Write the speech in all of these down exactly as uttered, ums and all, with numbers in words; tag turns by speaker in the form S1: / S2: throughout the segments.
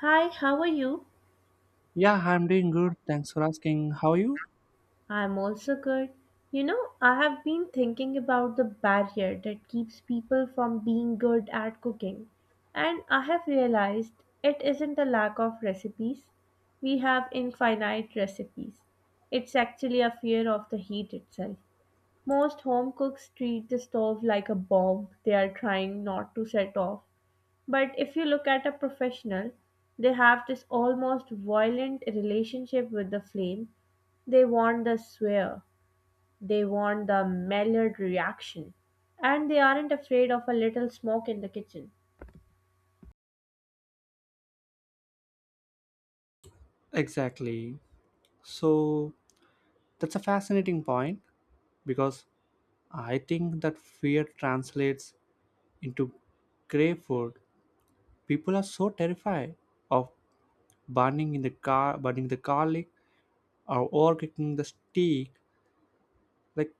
S1: Hi, how are you?
S2: Yeah, I'm doing good. Thanks for asking. How are you?
S1: I'm also good. You know, I have been thinking about the barrier that keeps people from being good at cooking, and I have realized it isn't a lack of recipes. We have infinite recipes. It's actually a fear of the heat itself. Most home cooks treat the stove like a bomb they are trying not to set off. But if you look at a professional, they have this almost violent relationship with the flame. They want the swear, they want the Maillard reaction, and they aren't afraid of a little smoke in the kitchen.
S2: Exactly. So that's a fascinating point because I think that fear translates into grave food. People are so terrified of burning in the car, burning the garlic, or overcooking the steak, like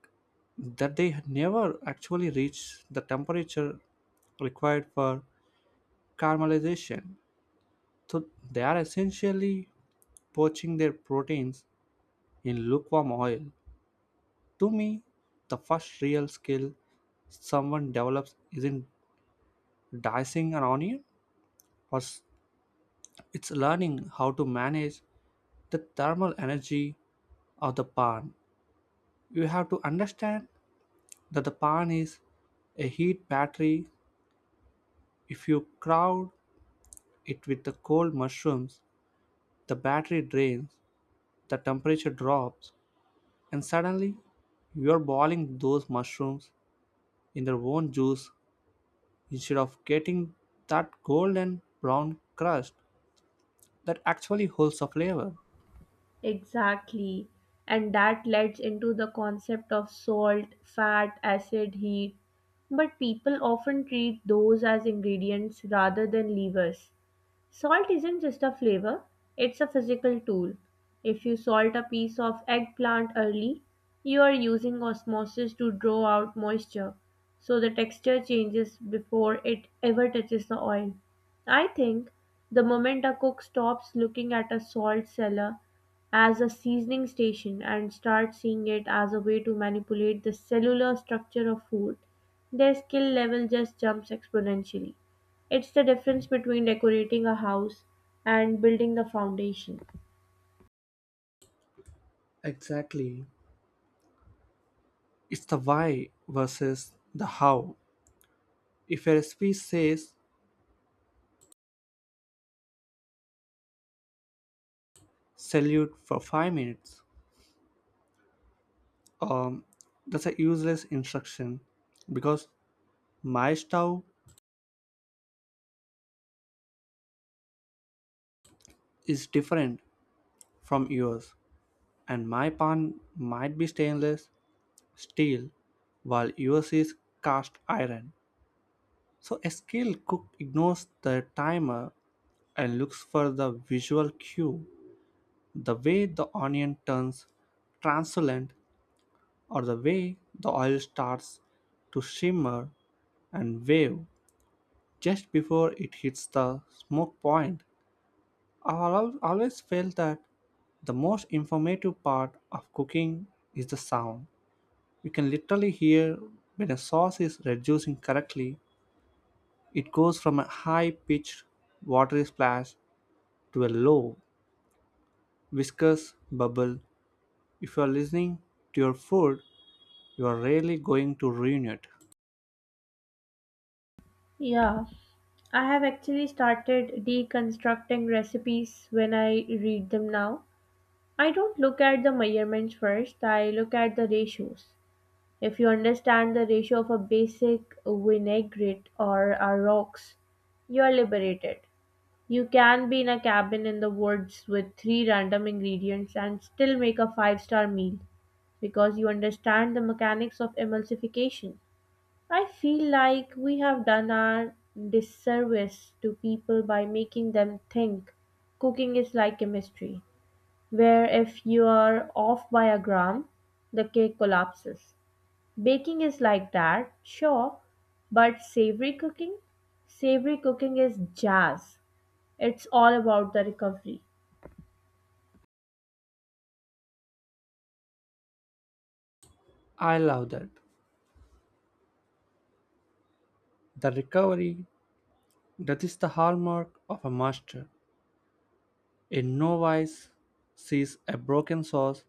S2: that they never actually reach the temperature required for caramelization. So they are essentially poaching their proteins in lukewarm oil. To me, the first real skill someone develops isn't dicing an onion, but it's learning how to manage the thermal energy of the pan. You have to understand that the pan is a heat battery. If you crowd it with the cold mushrooms, the battery drains, the temperature drops, and suddenly you are boiling those mushrooms in their own juice instead of getting that golden brown crust that actually holds the flavor.
S1: Exactly. And that leads into the concept of salt, fat, acid, heat. But people often treat those as ingredients rather than levers. Salt isn't just a flavor, it's a physical tool. If you salt a piece of eggplant early, you are using osmosis to draw out moisture, so the texture changes before it ever touches the oil. I think the moment a cook stops looking at a salt cellar as a seasoning station and starts seeing it as a way to manipulate the cellular structure of food, their skill level just jumps exponentially. It's the difference between decorating a house and building the foundation.
S2: Exactly. It's the why versus the how. If a recipe says salute for five minutes, um, that's a useless instruction because my stove is different from yours and my pan might be stainless steel while yours is cast iron. So a skilled cook ignores the timer and looks for the visual cue, the way the onion turns translucent or the way the oil starts to shimmer and wave just before it hits the smoke point. I al- always felt that the most informative part of cooking is the sound. You can literally hear when a sauce is reducing correctly. It goes from a high pitched watery splash to a low, viscous bubble. If you're listening to your food, you're really going to ruin it.
S1: Yeah, I have actually started deconstructing recipes when I read them now. I don't look at the measurements first, I look at the ratios. If you understand the ratio of a basic vinaigrette or a rocks, you are liberated. You can be in a cabin in the woods with three random ingredients and still make a five star meal because you understand the mechanics of emulsification. I feel like we have done our disservice to people by making them think cooking is like chemistry, where if you are off by a gram, the cake collapses. Baking is like that, sure, but savory cooking? Savory cooking is jazz. It's all about the recovery.
S2: I love that. The recovery, that is the hallmark of a master. A novice sees a broken sauce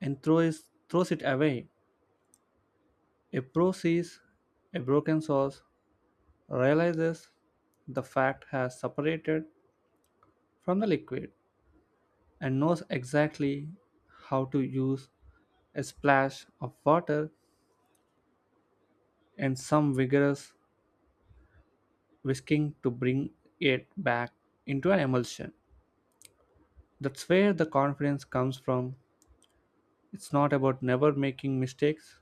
S2: and throws, throws it away. A pro sees a broken sauce, realizes the fat has separated from the liquid, and knows exactly how to use a splash of water and some vigorous whisking to bring it back into an emulsion. That's where the confidence comes from. It's not about never making mistakes,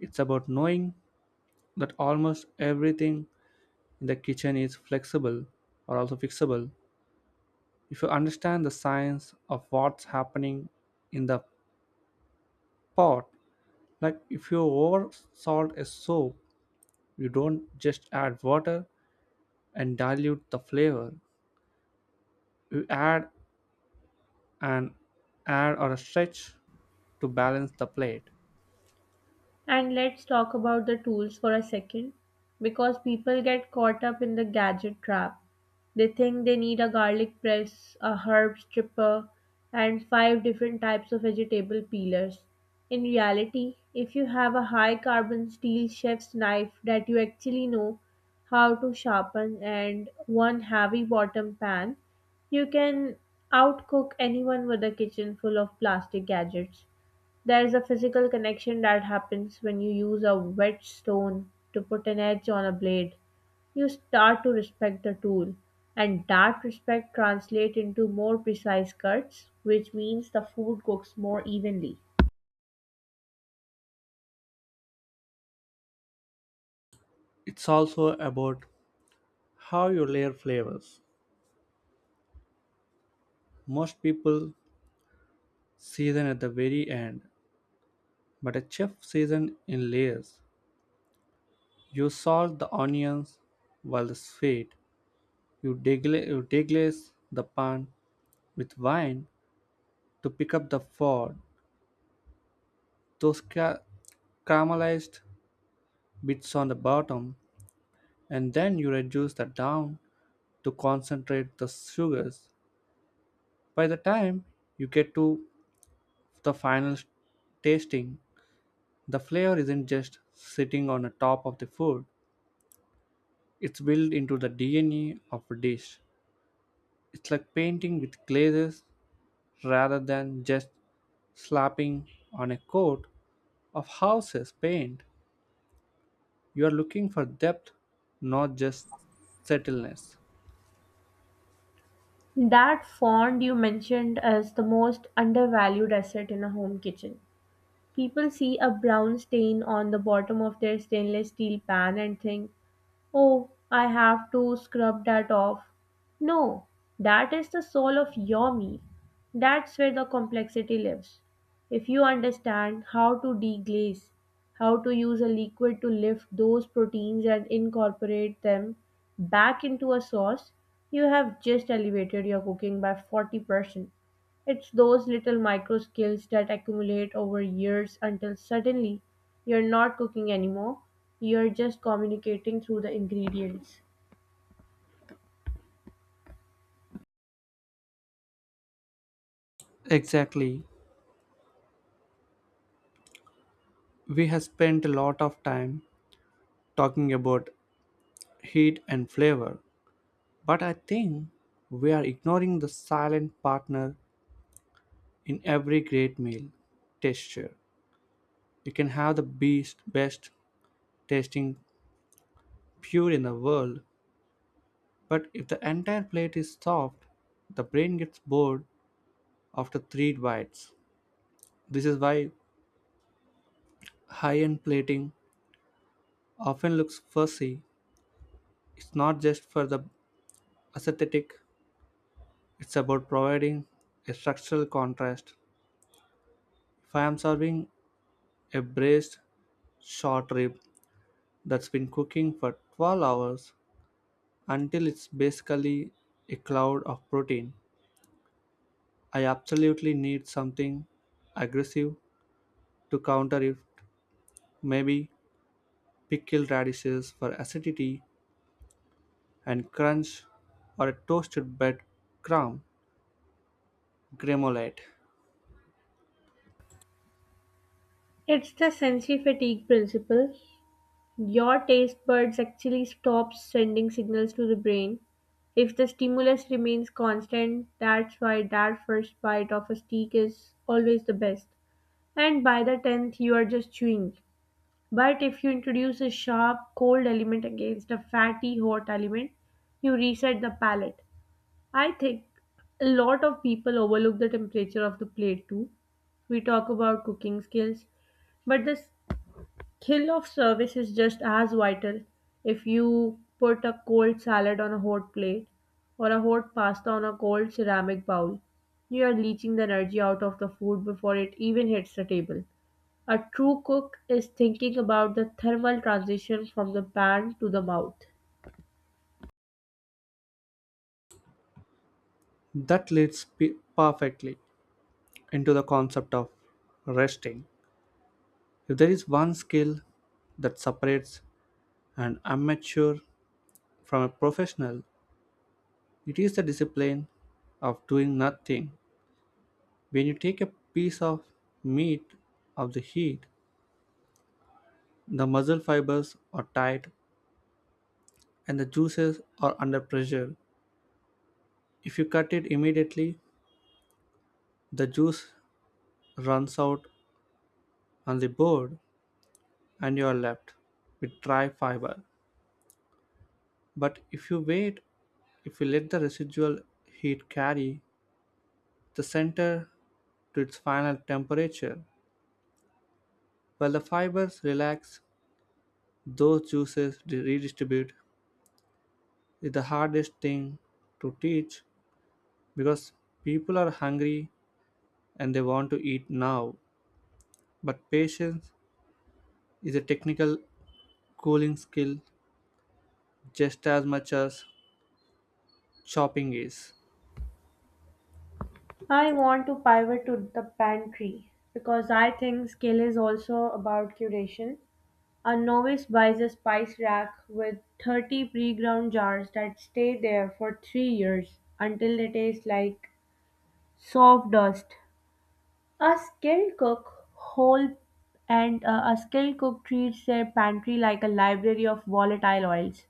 S2: it's about knowing that almost everything in the kitchen is flexible or also fixable. If you understand the science of what's happening in the pot, like if you over salt a soap, you don't just add water and dilute the flavor, you add an add or a stretch to balance the plate.
S1: And let's talk about the tools for a second because people get caught up in the gadget trap. They think they need a garlic press, a herb stripper, and five different types of vegetable peelers. In reality, if you have a high carbon steel chef's knife that you actually know how to sharpen and one heavy bottom pan, you can outcook anyone with a kitchen full of plastic gadgets. There's a physical connection that happens when you use a whetstone to put an edge on a blade. You start to respect the tool, and that respect translates into more precise cuts, which means the food cooks more evenly.
S2: It's also about how you layer flavors. Most people season at the very end, but a chef seasons in layers. You salt the onions while the sweet. You, degla- you deglaze the pan with wine to pick up the fog. Those ca- caramelized bits on the bottom, and then you reduce the down to concentrate the sugars. By the time you get to the final s- tasting, the flavor isn't just sitting on the top of the food, it's built into the D N A of a dish. It's like painting with glazes rather than just slapping on a coat of houses paint. You are looking for depth, not just subtleness.
S1: That fond you mentioned is the most undervalued asset in a home kitchen. People see a brown stain on the bottom of their stainless steel pan and think, oh, I have to scrub that off. No, that is the soul of your me. That's where the complexity lives. If you understand how to deglaze, how to use a liquid to lift those proteins and incorporate them back into a sauce, you have just elevated your cooking by forty percent. It's those little micro skills that accumulate over years until suddenly you're not cooking anymore, you're just communicating through the ingredients.
S2: Exactly. We have spent a lot of time talking about heat and flavor, but I think we are ignoring the silent partner in every great meal texture. You can have the beast, best tasting pure in the world, but if the entire plate is soft, the brain gets bored after three bites. This is why high end plating often looks fussy. It's not just for the aesthetic, it's about providing a structural contrast. If I am serving a braised short rib that's been cooking for twelve hours until it's basically a cloud of protein. I absolutely need something aggressive to counter it. Maybe pickled radishes for acidity and crunch, or a toasted bread crumb gremolate.
S1: It's the sensory fatigue principle. Your taste buds actually stop sending signals to the brain. If the stimulus remains constant, that's why that first bite of a steak is always the best. And by the tenth, you are just chewing. But if you introduce a sharp, cold element against a fatty, hot element, you reset the palate. I think a lot of people overlook the temperature of the plate too. We talk about cooking skills, but the skill of service is just as vital. If you put a cold salad on a hot plate or a hot pasta on a cold ceramic bowl, you are leaching the energy out of the food before it even hits the table. A true cook is thinking about the thermal transition from the pan to the mouth.
S2: That leads pe- perfectly into the concept of resting. If there is one skill that separates an amateur from a professional, it is the discipline of doing nothing. When you take a piece of meat of the heat, the muscle fibers are tight and the juices are under pressure. If you cut it immediately, the juice runs out on the board and you are left with dry fiber. But if you wait, if you let the residual heat carry the center to its final temperature, while the fibers relax, those juices redistribute is the hardest thing to teach because people are hungry and they want to eat now. But patience is a technical cooling skill just as much as chopping is.
S1: I want to pivot to the pantry because I think skill is also about curation. A novice buys a spice rack with thirty pre ground jars that stay there for three years until they taste like soft dust. A skilled cook whole and uh, a skilled cook treats their pantry like a library of volatile oils.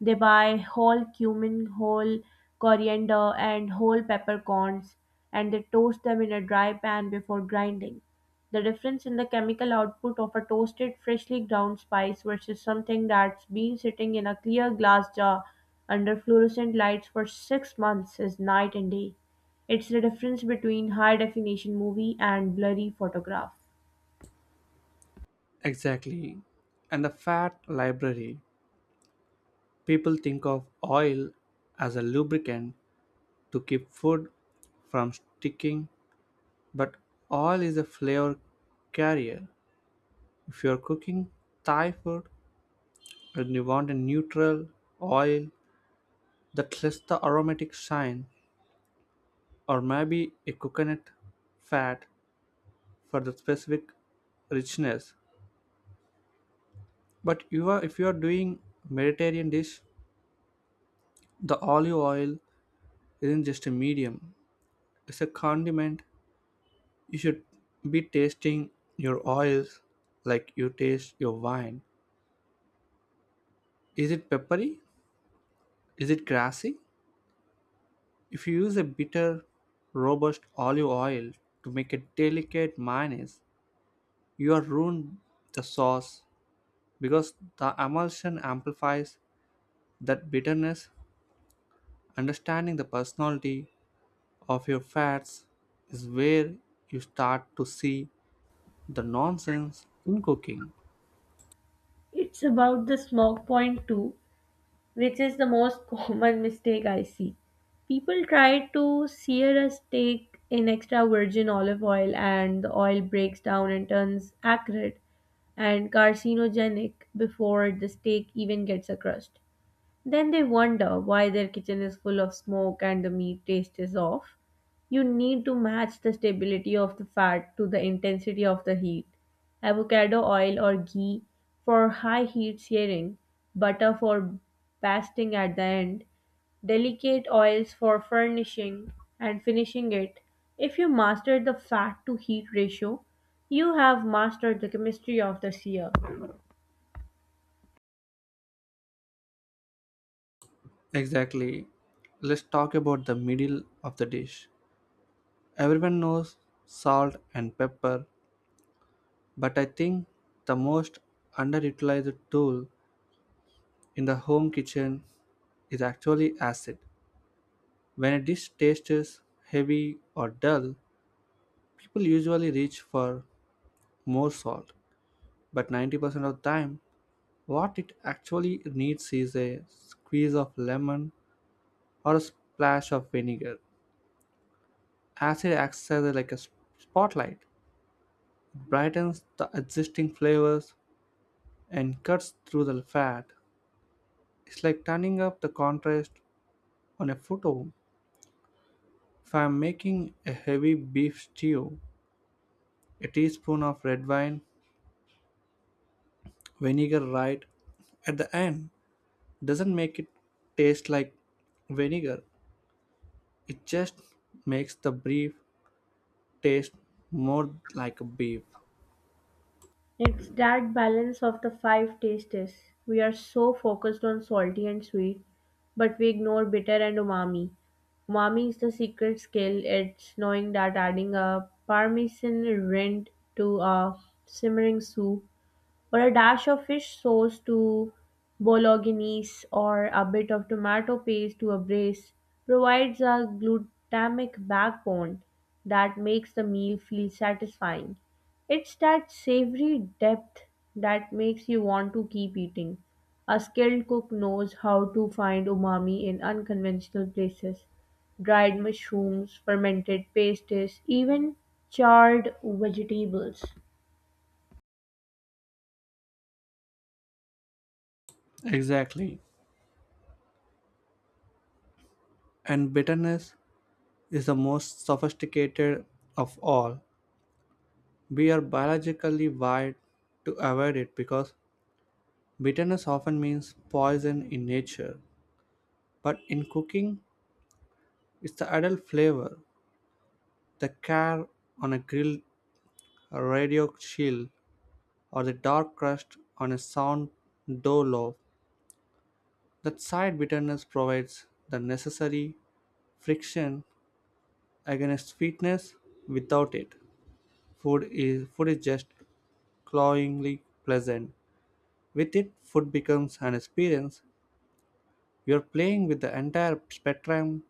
S1: They buy whole cumin, whole coriander, and whole peppercorns, and they toast them in a dry pan before grinding. The difference in the chemical output of a toasted, freshly ground spice versus something that's been sitting in a clear glass jar under fluorescent lights for six months is night and day. It's the difference between high definition movie and blurry photograph.
S2: Exactly. And the fat library. People think of oil as a lubricant to keep food from sticking, but oil is a flavor carrier. If you're cooking Thai food and you want a neutral oil that lets the aromatic shine, or maybe a coconut fat for the specific richness. But you are, if you are doing Mediterranean dish, the olive oil isn't just a medium; it's a condiment. You should be tasting your oils like you taste your wine. Is it peppery? Is it grassy? If you use a bitter, robust olive oil to make a delicate mayonnaise, you are ruined the sauce because the emulsion amplifies that bitterness. Understanding the personality of your fats is where you start to see the nonsense in cooking.
S1: It's about the smoke point too, which is the most common mistake I see. People try to sear a steak in extra virgin olive oil, and the oil breaks down and turns acrid and carcinogenic before the steak even gets a crust. Then they wonder why their kitchen is full of smoke and the meat taste is off. You need to match the stability of the fat to the intensity of the heat. Avocado oil or ghee for high heat searing, butter for basting at the end, delicate oils for furnishing and finishing it. If you master the fat to heat ratio, you have mastered the chemistry of the sear.
S2: Exactly. Let's talk about the middle of the dish. Everyone knows salt and pepper, but I think the most underutilized tool in the home kitchen is actually acid. When a dish tastes heavy or dull, people usually reach for more salt. But ninety percent of the time, what it actually needs is a squeeze of lemon or a splash of vinegar. Acid acts as a- like a s- spotlight, brightens the existing flavors and cuts through the fat. It's like turning up the contrast on a photo. If I'm making a heavy beef stew, a teaspoon of red wine, vinegar right at the end doesn't make it taste like vinegar. It just makes the beef taste more like a beef.
S1: It's that balance of the five tastes. We are so focused on salty and sweet, but we ignore bitter and umami. Umami is the secret skill. It's knowing that adding a parmesan rind to a simmering soup or a dash of fish sauce to bolognese, or a bit of tomato paste to a brace, provides a glutamic backbone that makes the meal feel satisfying. It's that savory depth that makes you want to keep eating. A skilled cook knows how to find umami in unconventional places. Dried mushrooms, fermented pastes, even charred vegetables.
S2: Exactly. And bitterness is the most sophisticated of all. We are biologically wired to avoid it because bitterness often means poison in nature. But in cooking, it's the adult flavor, the char on a grilled radio shield, or the dark crust on a sound dough loaf. That side bitterness provides the necessary friction against sweetness. Without it, food is food is just cloyingly pleasant. With it, food becomes an experience. You are playing with the entire spectrum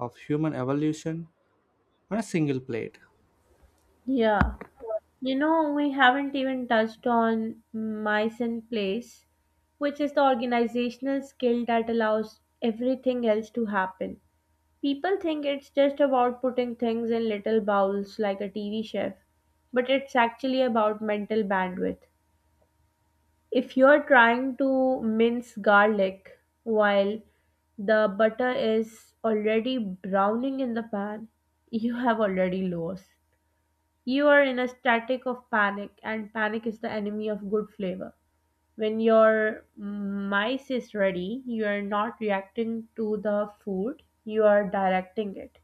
S2: of human evolution on a single plate.
S1: Yeah. You know, we haven't even touched on mice in place, which is the organizational skill that allows everything else to happen. People think it's just about putting things in little bowls like a T V chef, but it's actually about mental bandwidth. If you're trying to mince garlic while the butter is already browning in the pan, you have already lost. You are in a static of panic, and panic is the enemy of good flavor. When your mice is ready, you are not reacting to the food, you are directing it.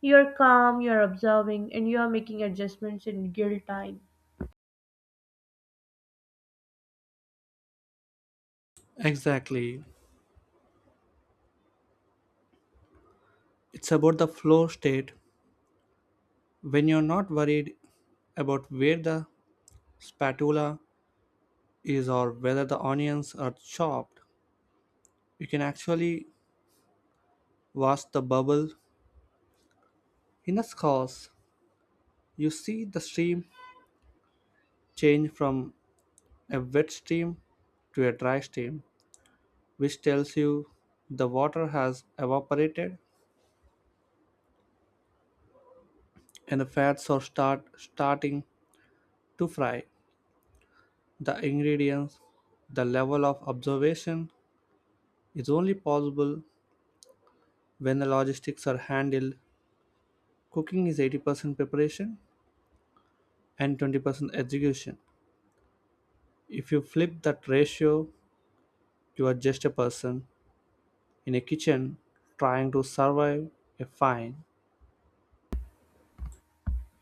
S1: You are calm, you are observing, and you are making adjustments in real time.
S2: Exactly. It's about the flow state when you're not worried about where the spatula is or whether the onions are chopped. You can actually watch the bubble in a sauce. You see the stream change from a wet stream to a dry stream, which tells you the water has evaporated and the fats are start starting to fry. The ingredients, the level of observation is only possible when the logistics are handled. Cooking is eighty percent preparation and twenty percent execution. If you flip that ratio, you are just a person in a kitchen trying to survive a fine.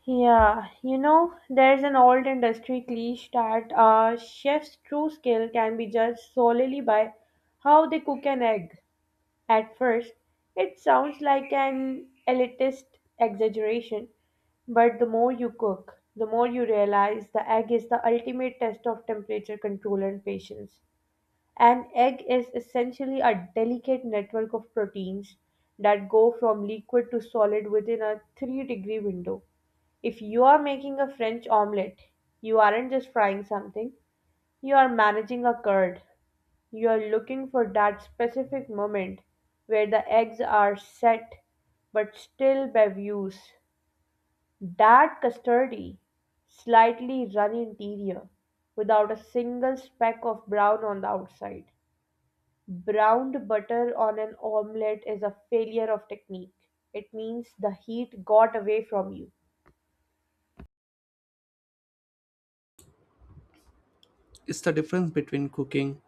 S1: yeah, you know, there's an old industry cliche that a chef's true skill can be judged solely by how they cook an egg. At first, it sounds like an elitist exaggeration, but the more you cook, the more you realize the egg is the ultimate test of temperature control and patience. An egg is essentially a delicate network of proteins that go from liquid to solid within a three degree window. If you are making a French omelette, you aren't just frying something, you are managing a curd. You're looking for that specific moment where the eggs are set but still bevues, that custardy, slightly runny interior without a single speck of brown on the outside. Browned butter on an omelette is a failure of technique. It means the heat got away from you.
S2: It's the difference between cooking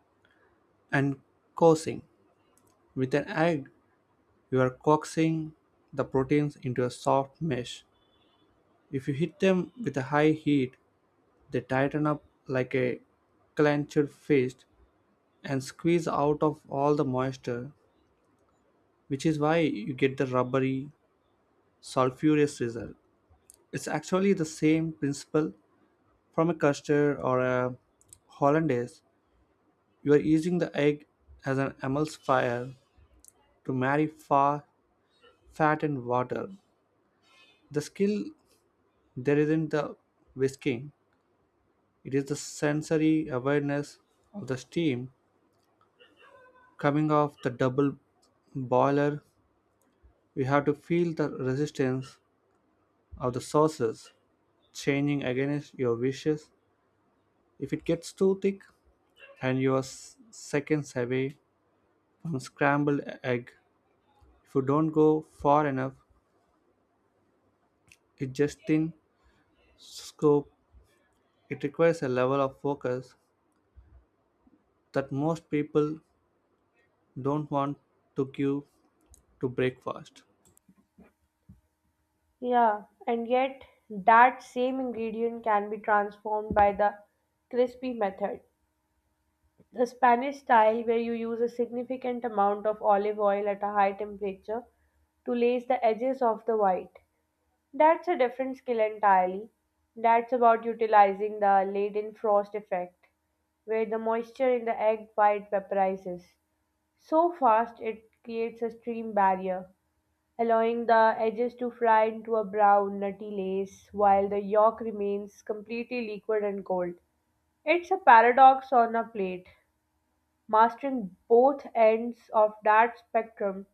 S2: and coaxing. With an egg, you are coaxing the proteins into a soft mesh. If you hit them with a high heat, they tighten up like a clenched fist and squeeze out of all the moisture, which is why you get the rubbery, sulfurous result. It's actually the same principle from a custard or a hollandaise. You are using the egg as an emulsifier to marry fa- fat and water. The skill there isn't the whisking, it is the sensory awareness of the steam coming off the double boiler. You have to feel the resistance of the sauces changing against your wishes. If it gets too thick and you are s- seconds away from scrambled egg, if you don't go far enough, it just thin scope. It requires a level of focus that most people don't want to give to breakfast.
S1: Yeah, and yet that same ingredient can be transformed by the crispy method. The Spanish style, where you use a significant amount of olive oil at a high temperature to lace the edges of the white. That's a different skill entirely. That's about utilizing the laden frost effect, where the moisture in the egg white vaporizes so fast it creates a stream barrier, allowing the edges to fry into a brown, nutty lace while the yolk remains completely liquid and cold. It's a paradox on a plate. Mastering both ends of that spectrum,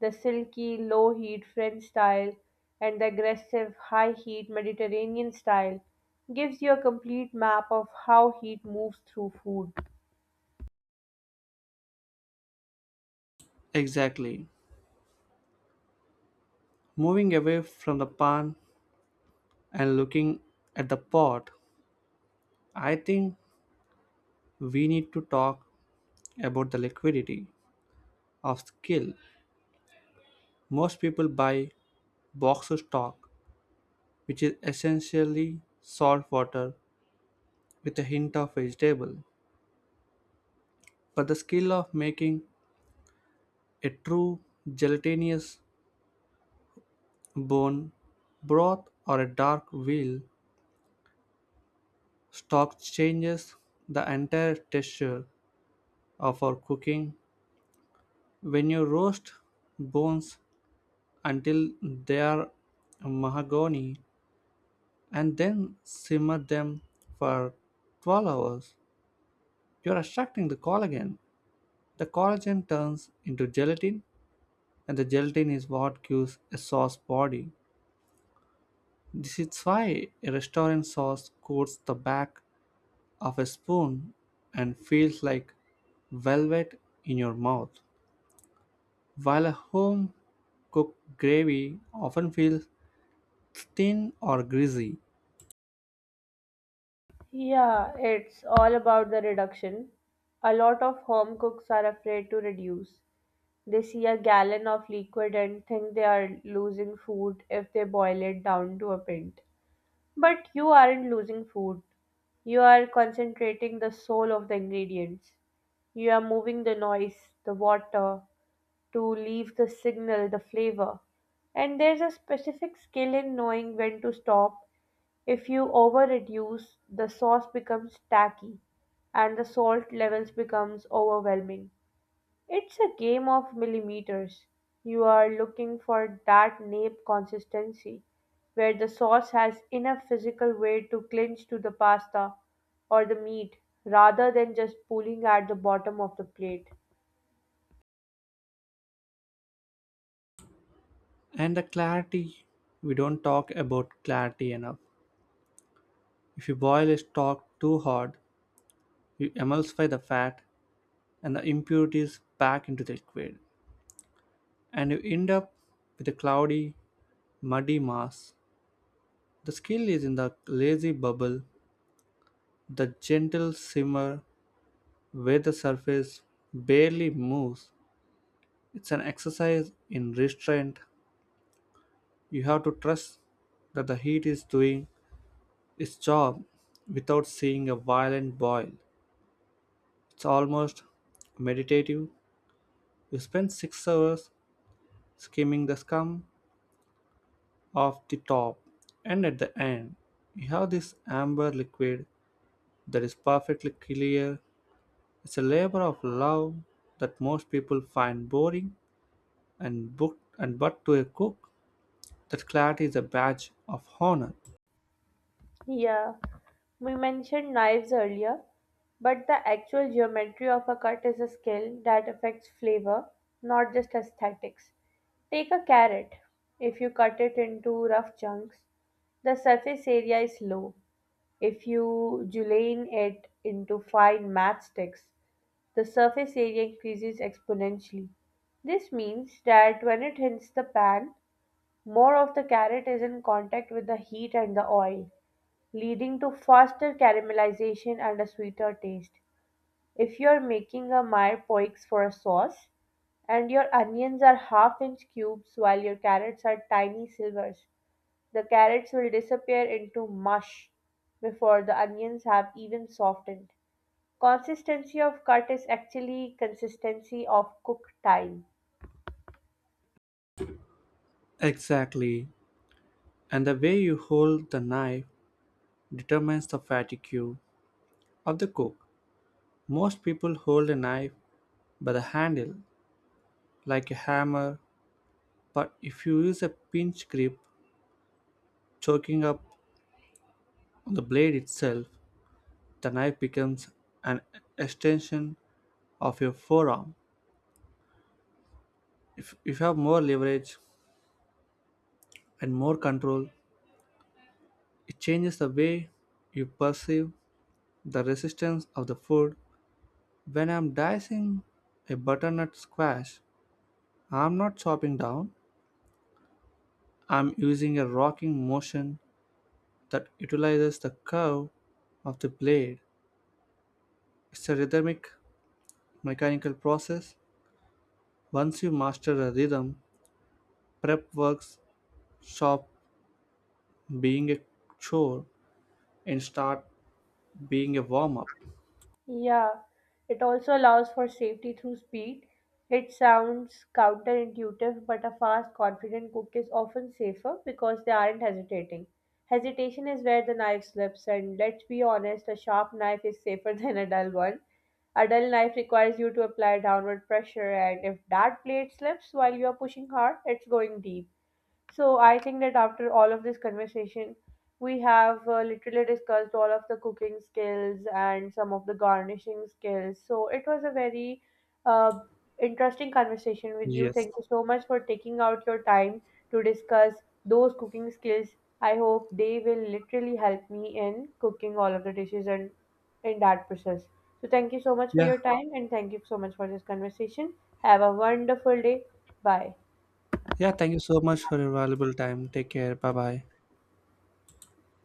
S1: the silky, low-heat French style and the aggressive, high-heat Mediterranean style, gives you a complete map of how heat moves through food.
S2: Exactly. Moving away from the pan and looking at the pot, I think we need to talk about the liquidity of skill. Most people buy boxer stock, which is essentially salt water with a hint of vegetable. But the skill of making a true gelatinous bone broth or a dark veal stock changes the entire texture of our cooking. When you roast bones until they are mahogany and then simmer them for twelve hours, you are extracting the collagen. The collagen turns into gelatin, and the gelatin is what gives a sauce body. This is why a restaurant sauce coats the back of a spoon and feels like velvet in your mouth, while a home cooked gravy often feels thin or greasy.
S1: Yeah, it's all about the reduction. A lot of home cooks are afraid to reduce. They see a gallon of liquid and think they are losing food if they boil it down to a pint. But you aren't losing food. You are concentrating the soul of the ingredients. You are moving the noise, the water, to leave the signal, the flavor. And there's a specific skill in knowing when to stop. If you over reduce, the sauce becomes tacky and the salt levels becomes overwhelming. It's a game of millimeters. You are looking for that nape consistency where the sauce has enough physical weight to clinch to the pasta or the meat rather than just pulling at the bottom of the plate.
S2: And the clarity, we don't talk about clarity enough. If you boil a stock too hard, you emulsify the fat and the impurities back into the liquid and you end up with a cloudy, muddy mass. The skill is in the lazy bubble, the gentle simmer where the surface barely moves. It's an exercise in restraint. You have to trust that the heat is doing its job without seeing a violent boil. It's almost meditative. You spend six hours skimming the scum off the top, and at the end, you have this amber liquid that is perfectly clear. It's a labor of love that most people find boring and book and but to a cook, that clarity is a badge of honor.
S1: Yeah, we mentioned knives earlier, but the actual geometry of a cut is a skill that affects flavor, not just aesthetics. Take a carrot. If you cut it into rough chunks, the surface area is low. If you Julienne it into fine matchsticks, the surface area increases exponentially. This means that when it hits the pan, more of the carrot is in contact with the heat and the oil, leading to faster caramelization and a sweeter taste. If you're making a Meyer for a sauce, and your onions are half inch cubes while your carrots are tiny silvers. The carrots will disappear into mush before the onions have even softened. Consistency of cut is actually consistency of cook time.
S2: Exactly. And the way you hold the knife determines the fatigue of the cook. Most people hold a knife by the handle like a hammer, but if you use a pinch grip, choking up on the blade itself, the knife becomes an extension of your forearm. If, if you have more leverage and more control, it changes the way you perceive the resistance of the food. When I'm dicing a butternut squash, I'm not chopping down, I'm using a rocking motion that utilizes the curve of the blade. It's a rhythmic mechanical process. Once you master the rhythm, prep works stop being a chore and start being a warm up.
S1: Yeah, it also allows for safety through speed. It sounds counterintuitive, but a fast, confident cook is often safer because they aren't hesitating. Hesitation is where the knife slips, and let's be honest, a sharp knife is safer than a dull one. A dull knife requires you to apply downward pressure, and if that blade slips while you are pushing hard, it's going deep. So I think that after all of this conversation, we have uh, literally discussed all of the cooking skills and some of the garnishing skills. So it was a very uh, interesting conversation with you.
S2: Yes.
S1: Thank you so much for taking out your time to discuss those cooking skills. I hope they will literally help me in cooking all of the dishes and in that process. So thank you so much for
S2: Yeah.
S1: your time and thank you so much for this conversation. Have a wonderful day. Bye.
S2: Yeah, thank you so much for your valuable time. Take care. Bye bye.